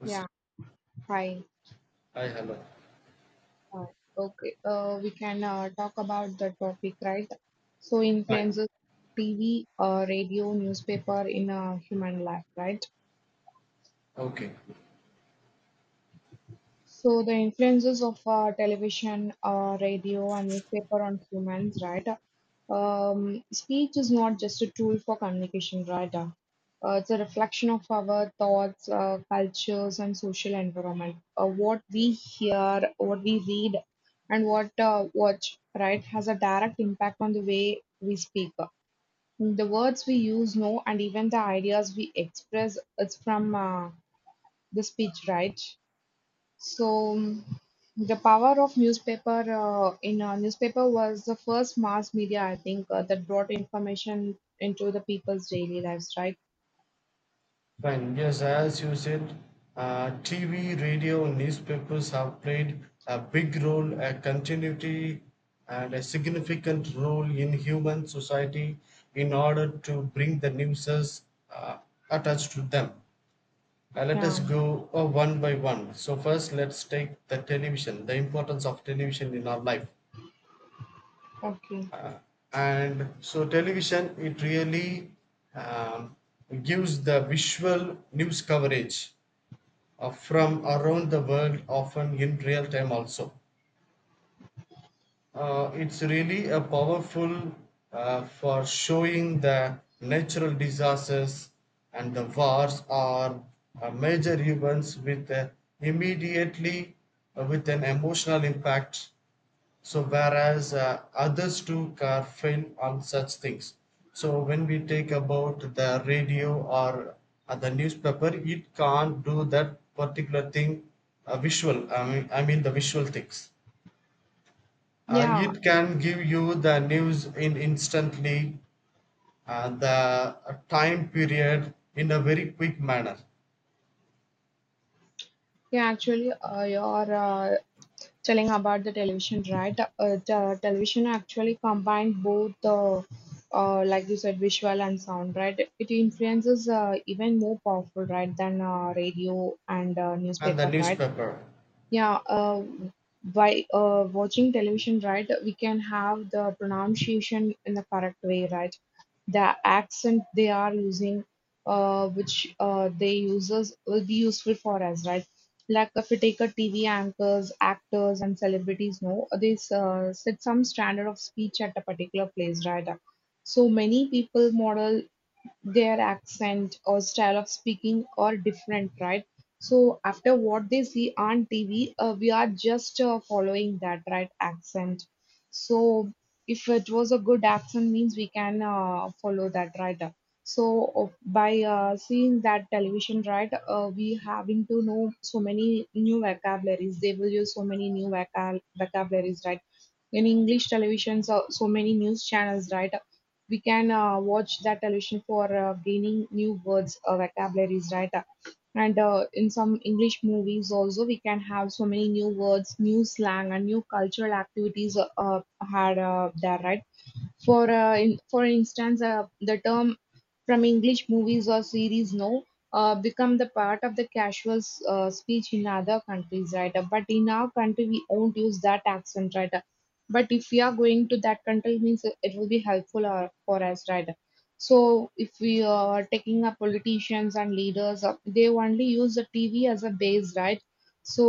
Hi, Yeah, fine. hello. Uh, okay, we can talk about the topic, right? So, Fine. influences TV, radio, newspaper in human life, right? Okay. So the influences of television, radio, and newspaper on humans, right? Speech is not just a tool for communication, right? It's a reflection of our thoughts, cultures, and social environment. What we hear, what we read, and what watch, right, has a direct impact on the way we speak. The words we use, know, and even the ideas we express, it's from the speech, right? So mm, the power of newspaper in a newspaper was the first mass media I think that brought information into the people's daily lives, right? Fine. Yes, as you said, TV, radio, newspapers have played a big role, a continuity, and a significant role in human society in order to bring the newses uh, attached to them. Let us Yeah. go one by one. So, first, let's take the television, the importance of television in our life. Okay. And so television it really um, gives the visual news coverage from around the world, often in real time also. It's really a powerful for showing the natural disasters and the wars are major events with immediately with an emotional impact, so whereas others too careframe on such things. So when we take about the radio or the newspaper, it can't do that particular thing visual. I mean the visual things. Yeah. It can give you the news in instantly, the time period in a very quick manner, Yeah. Actually, you're telling about the television, right? The television actually combined both the like you said, visual and sound, right? It influences even more powerful, right, than radio and and the newspaper, right? newspaper. Yeah, by watching television, right, we can have the pronunciation in the correct way, right? The accent they are using, which they uses will be useful for us, right? Like if we take a TV anchors, actors, and celebrities, no, they set some standard of speech at a particular place, right? So many people model their accent or style of speaking are different, right? So after what they see on TV, we are just following that right accent. So if it was a good accent, means we can follow that right. So by seeing that television, right, we having to know so many new vocabularies. They will use so many new vocal vocabularies, right? In English television, so, so many news channels, right? We can watch that television for gaining new words, vocabularies, right? And in some English movies also, we can have so many new words, new slang, and new cultural activities had there, right? For instance, the term from English movies or series now become the part of the casual speech in other countries, right? But in our country, we won't use that accent, right? But if we are going to that country, means it will be helpful for us, right? So if we are taking up politicians and leaders, they only use the TV as a base, right? So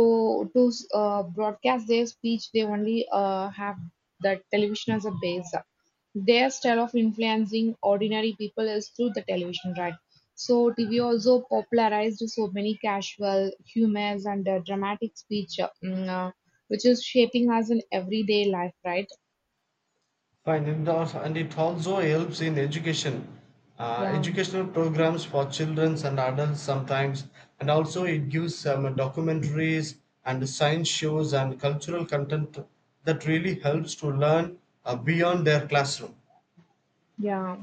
to broadcast their speech, they only have the television as a base their style of influencing ordinary people is through the television, right? So TV also popularized so many casual humors and dramatic speech, which is shaping us in everyday life, right? Fine, and also, and it also helps in education, Yeah, educational programs for children and adults sometimes, and also it gives some documentaries and science shows and cultural content that really helps to learn beyond their classroom. yeah.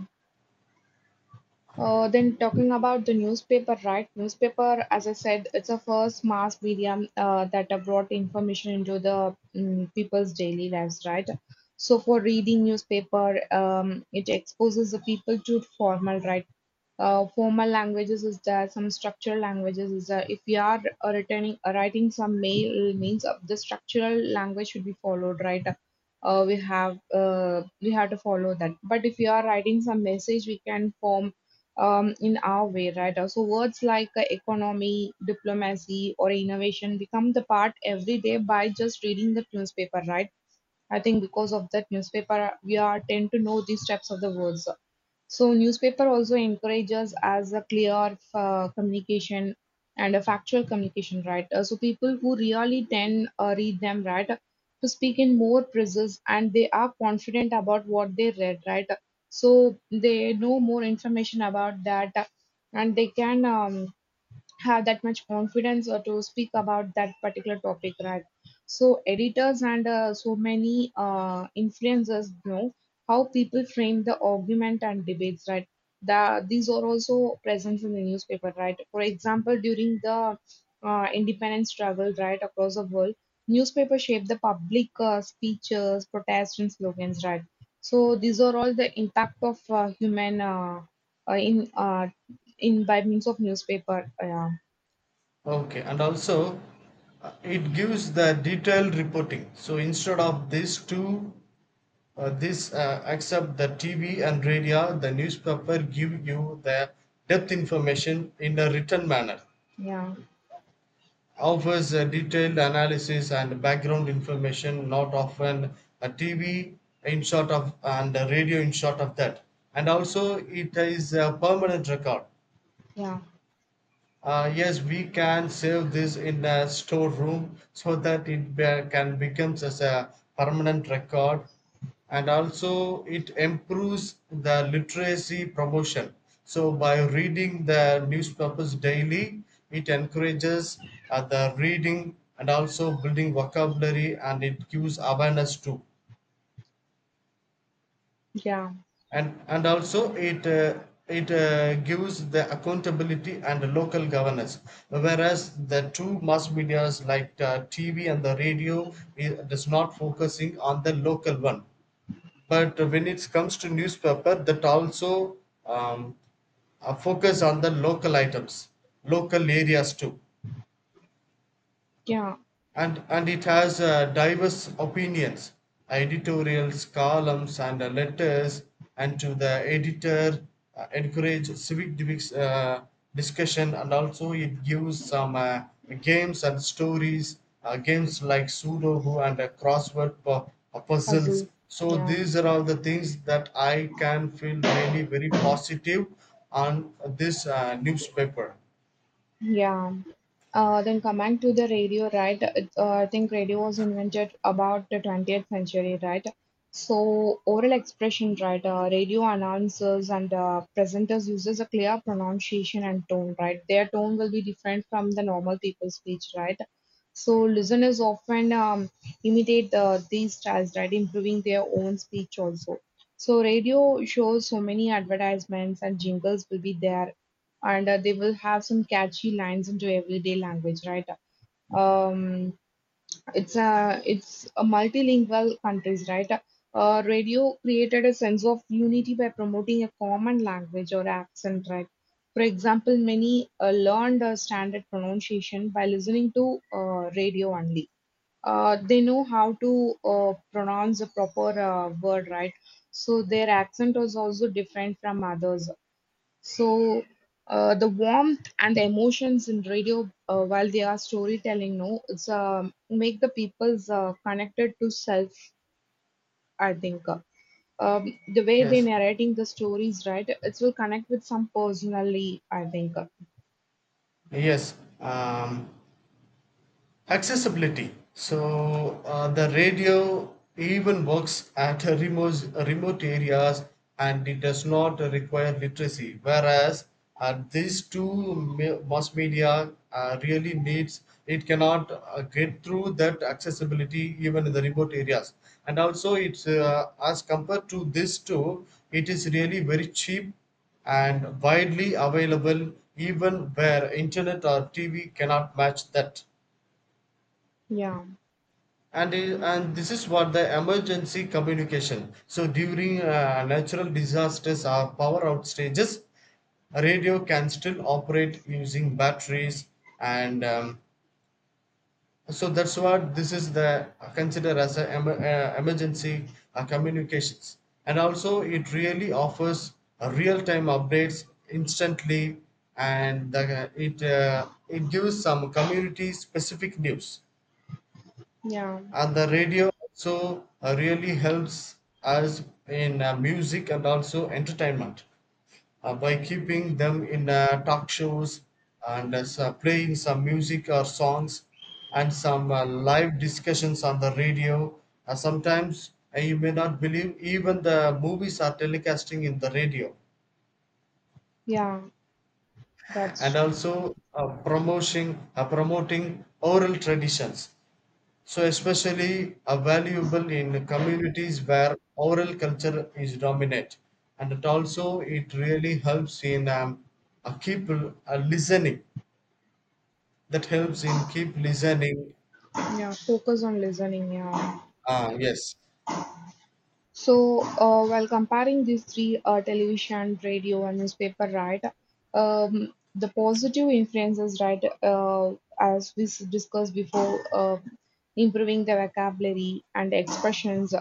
Then talking about the newspaper, right? Newspaper, as I said, it's a first mass medium that brought information into the people's daily lives, right? So for reading newspaper, it exposes the people to formal, right? Formal languages is there, some structural languages is there. If you are returning, writing some mail, means of the structural language should be followed, right? We have to follow that. But if you are writing some message, we can form in our way, right? So words like economy, diplomacy, or innovation become the part every day by just reading the newspaper, right? I think because of that newspaper, we are tend to know these types of the words. So newspaper also encourages as a clear communication and a factual communication, right? So people who really then read them, right, to speak in more precise and they are confident about what they read, right? So they know more information about that, and they can have that much confidence to speak about that particular topic, right. So editors and so many influencers know how people frame the argument and debates, right. These are also present in the newspaper, right. For example, during the independence struggle, right, across the world, newspaper shaped the public speeches, protests, and slogans, right. So these are all the impact of human uh, in uh, in by means of newspaper, yeah. Okay, and also it gives the detailed reporting. So instead of this two, this except the TV and radio, the newspaper give you the depth information in a written manner. Yeah, Offers a detailed analysis and background information not often a TV in short of and a radio in short of that. And also it is a permanent record. yeah, Yes, we can save this in a storeroom so that it can becomes as a permanent record, and also it improves the literacy promotion. So by reading the newspapers daily, it encourages the reading and also building vocabulary, and it gives awareness too. yeah, And also it gives the accountability and local governance, whereas the two mass medias like tv and the radio, it does not focusing on the local one, but when it comes to newspaper, that also um, focus on the local items, local areas too. yeah, And it has diverse opinions, editorials, columns, and letters and to the editor encourage civic discussion. And also it gives some games and stories, games like sudoku and crossword puzzles. Hazel, So yeah. these are all the things that I can feel really very positive on this newspaper. Yeah. Then coming to the radio, right? I think radio was invented about the 20th century, right? So oral expression, right? Radio announcers and presenters uses a clear pronunciation and tone, right? Their tone will be different from the normal people's speech, right? So listeners often imitate these styles, right? Improving their own speech also. So radio shows so many advertisements and jingles will be there and they will have some catchy lines into everyday language, right? Um, it's a multilingual countries, right? Radio created a sense of unity by promoting a common language or accent, right? For example, many learned standard pronunciation by listening to radio only. They know how to pronounce a proper word, right? So their accent was also different from others. So the warmth and the emotions in radio, while they are storytelling, no, it's make the people's connected to self. I think um, the way they Yes, narrating the stories, right? It will connect with some personally. I think. yes. um, Accessibility. So the radio even works at remote areas, and it does not require literacy. Whereas at these two mass media really needs, it cannot get through that accessibility even in the remote areas. And also it's as compared to these two, it is really very cheap and widely available, even where internet or TV cannot match that. Yeah, And this is what the emergency communication. So during natural disasters or power outages, radio can still operate using batteries, and so that's what this is the consider as a em- emergency communications. And also it really offers real-time updates instantly, and the, it it gives some community specific news. yeah, And the radio also really helps us in music and also entertainment, by keeping them in talk shows and as, playing some music or songs and some live discussions on the radio. Sometimes you may not believe even the movies are telecasting in the radio. yeah. And That's also promoting promoting oral traditions, so especially are valuable in communities where oral culture is dominant. And it also it really helps in keep listening. That helps in keep listening. yeah. Focus on listening. Yeah. Ah, yes. So, while comparing these three television, radio, and newspaper, right, the positive influences, right, as we discussed before, improving the vocabulary and expressions.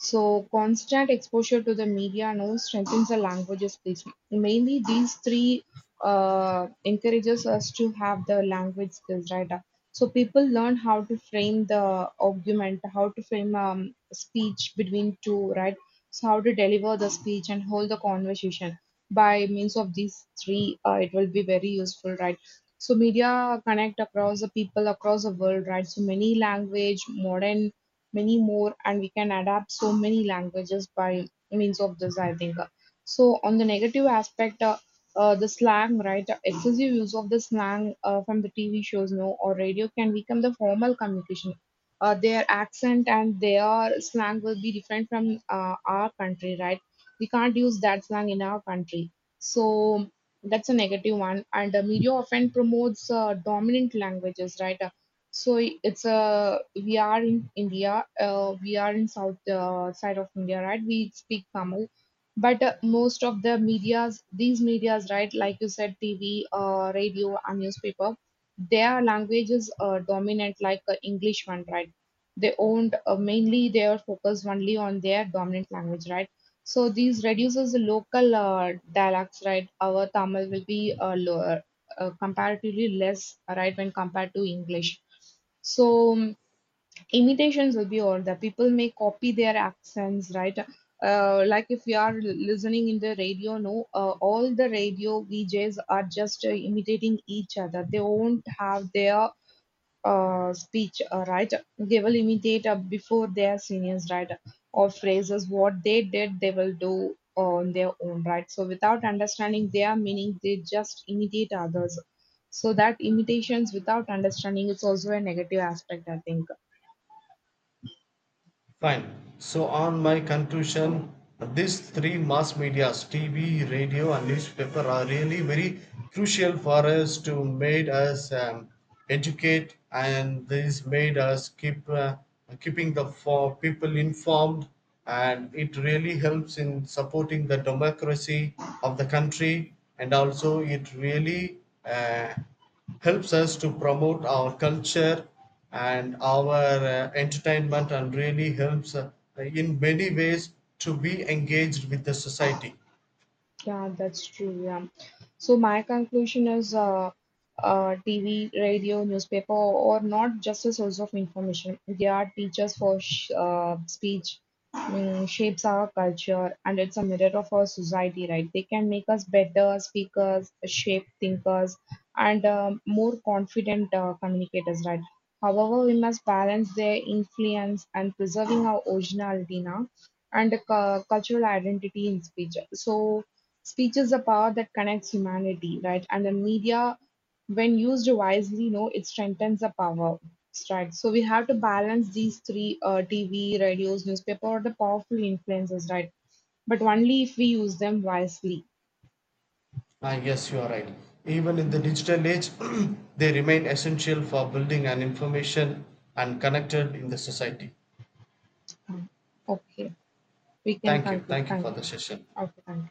So, constant exposure to the media now strengthens the languages. Skills. Mainly, these three encourages us to have the language skills, right? So people learn how to frame the argument, how to frame speech between two, right? So how to deliver the speech and hold the conversation by means of these three, it will be very useful, right? So media connect across the people across the world, right? So many language, modern, many more, and we can adapt so many languages by means of this, I think. So on the negative aspect, the slang, right? Excessive use of the slang from the TV shows, no, or radio can become the formal communication. Their accent and their slang will be different from our country, right? We can't use that slang in our country. So that's a negative one. And media often promotes dominant languages, right? So it's a We are in India, we are in south side of India, right? We speak Tamil, but most of the media's these media's right, like you said, TV, radio, and newspaper, their language is dominant like English one, right? They owned mainly they are focused only on their dominant language, right? So these reduces the local dialects, right? Our Tamil will be lower, comparatively less, right, when compared to English. So imitations will be all the people may copy their accents, right? Like if we are listening in the radio, no, all the radio VJs are just imitating each other. They won't have their speech, right? They will imitate before their seniors, right? Or phrases what they did, they will do on their own, right? So without understanding their meaning, they just imitate others. So that imitations without understanding is also a negative aspect, I think. Fine. So, on my conclusion, these three mass medias TV, radio, and newspaper are really very crucial for us to made us educate, and this made us keep keeping the for people informed, and it really helps in supporting the democracy of the country. And also it really uh, helps us to promote our culture and our entertainment, and really helps in many ways to be engaged with the society. Yeah, that's true. Yeah. So my conclusion is TV, radio, newspaper, or not just a source of information. They are teachers for sh speech, shapes our culture, and it's a mirror of our society, right? They can make us better speakers, shape thinkers, and more confident communicators, right? However, we must balance their influence and preserving our originality now and the cultural identity in speech. So speech is the power that connects humanity, right? And the media, when used wisely, no, it strengthens the power, right? So we have to balance these three: TV, radios, newspaper, or the powerful influences, right? But only if we use them wisely. Ah, yes, you are right. Even in the digital age, they remain essential for building and information and connected in the society. Okay, we can Thank you. conclude. Thank you for Thank the you. session. Okay, thank you.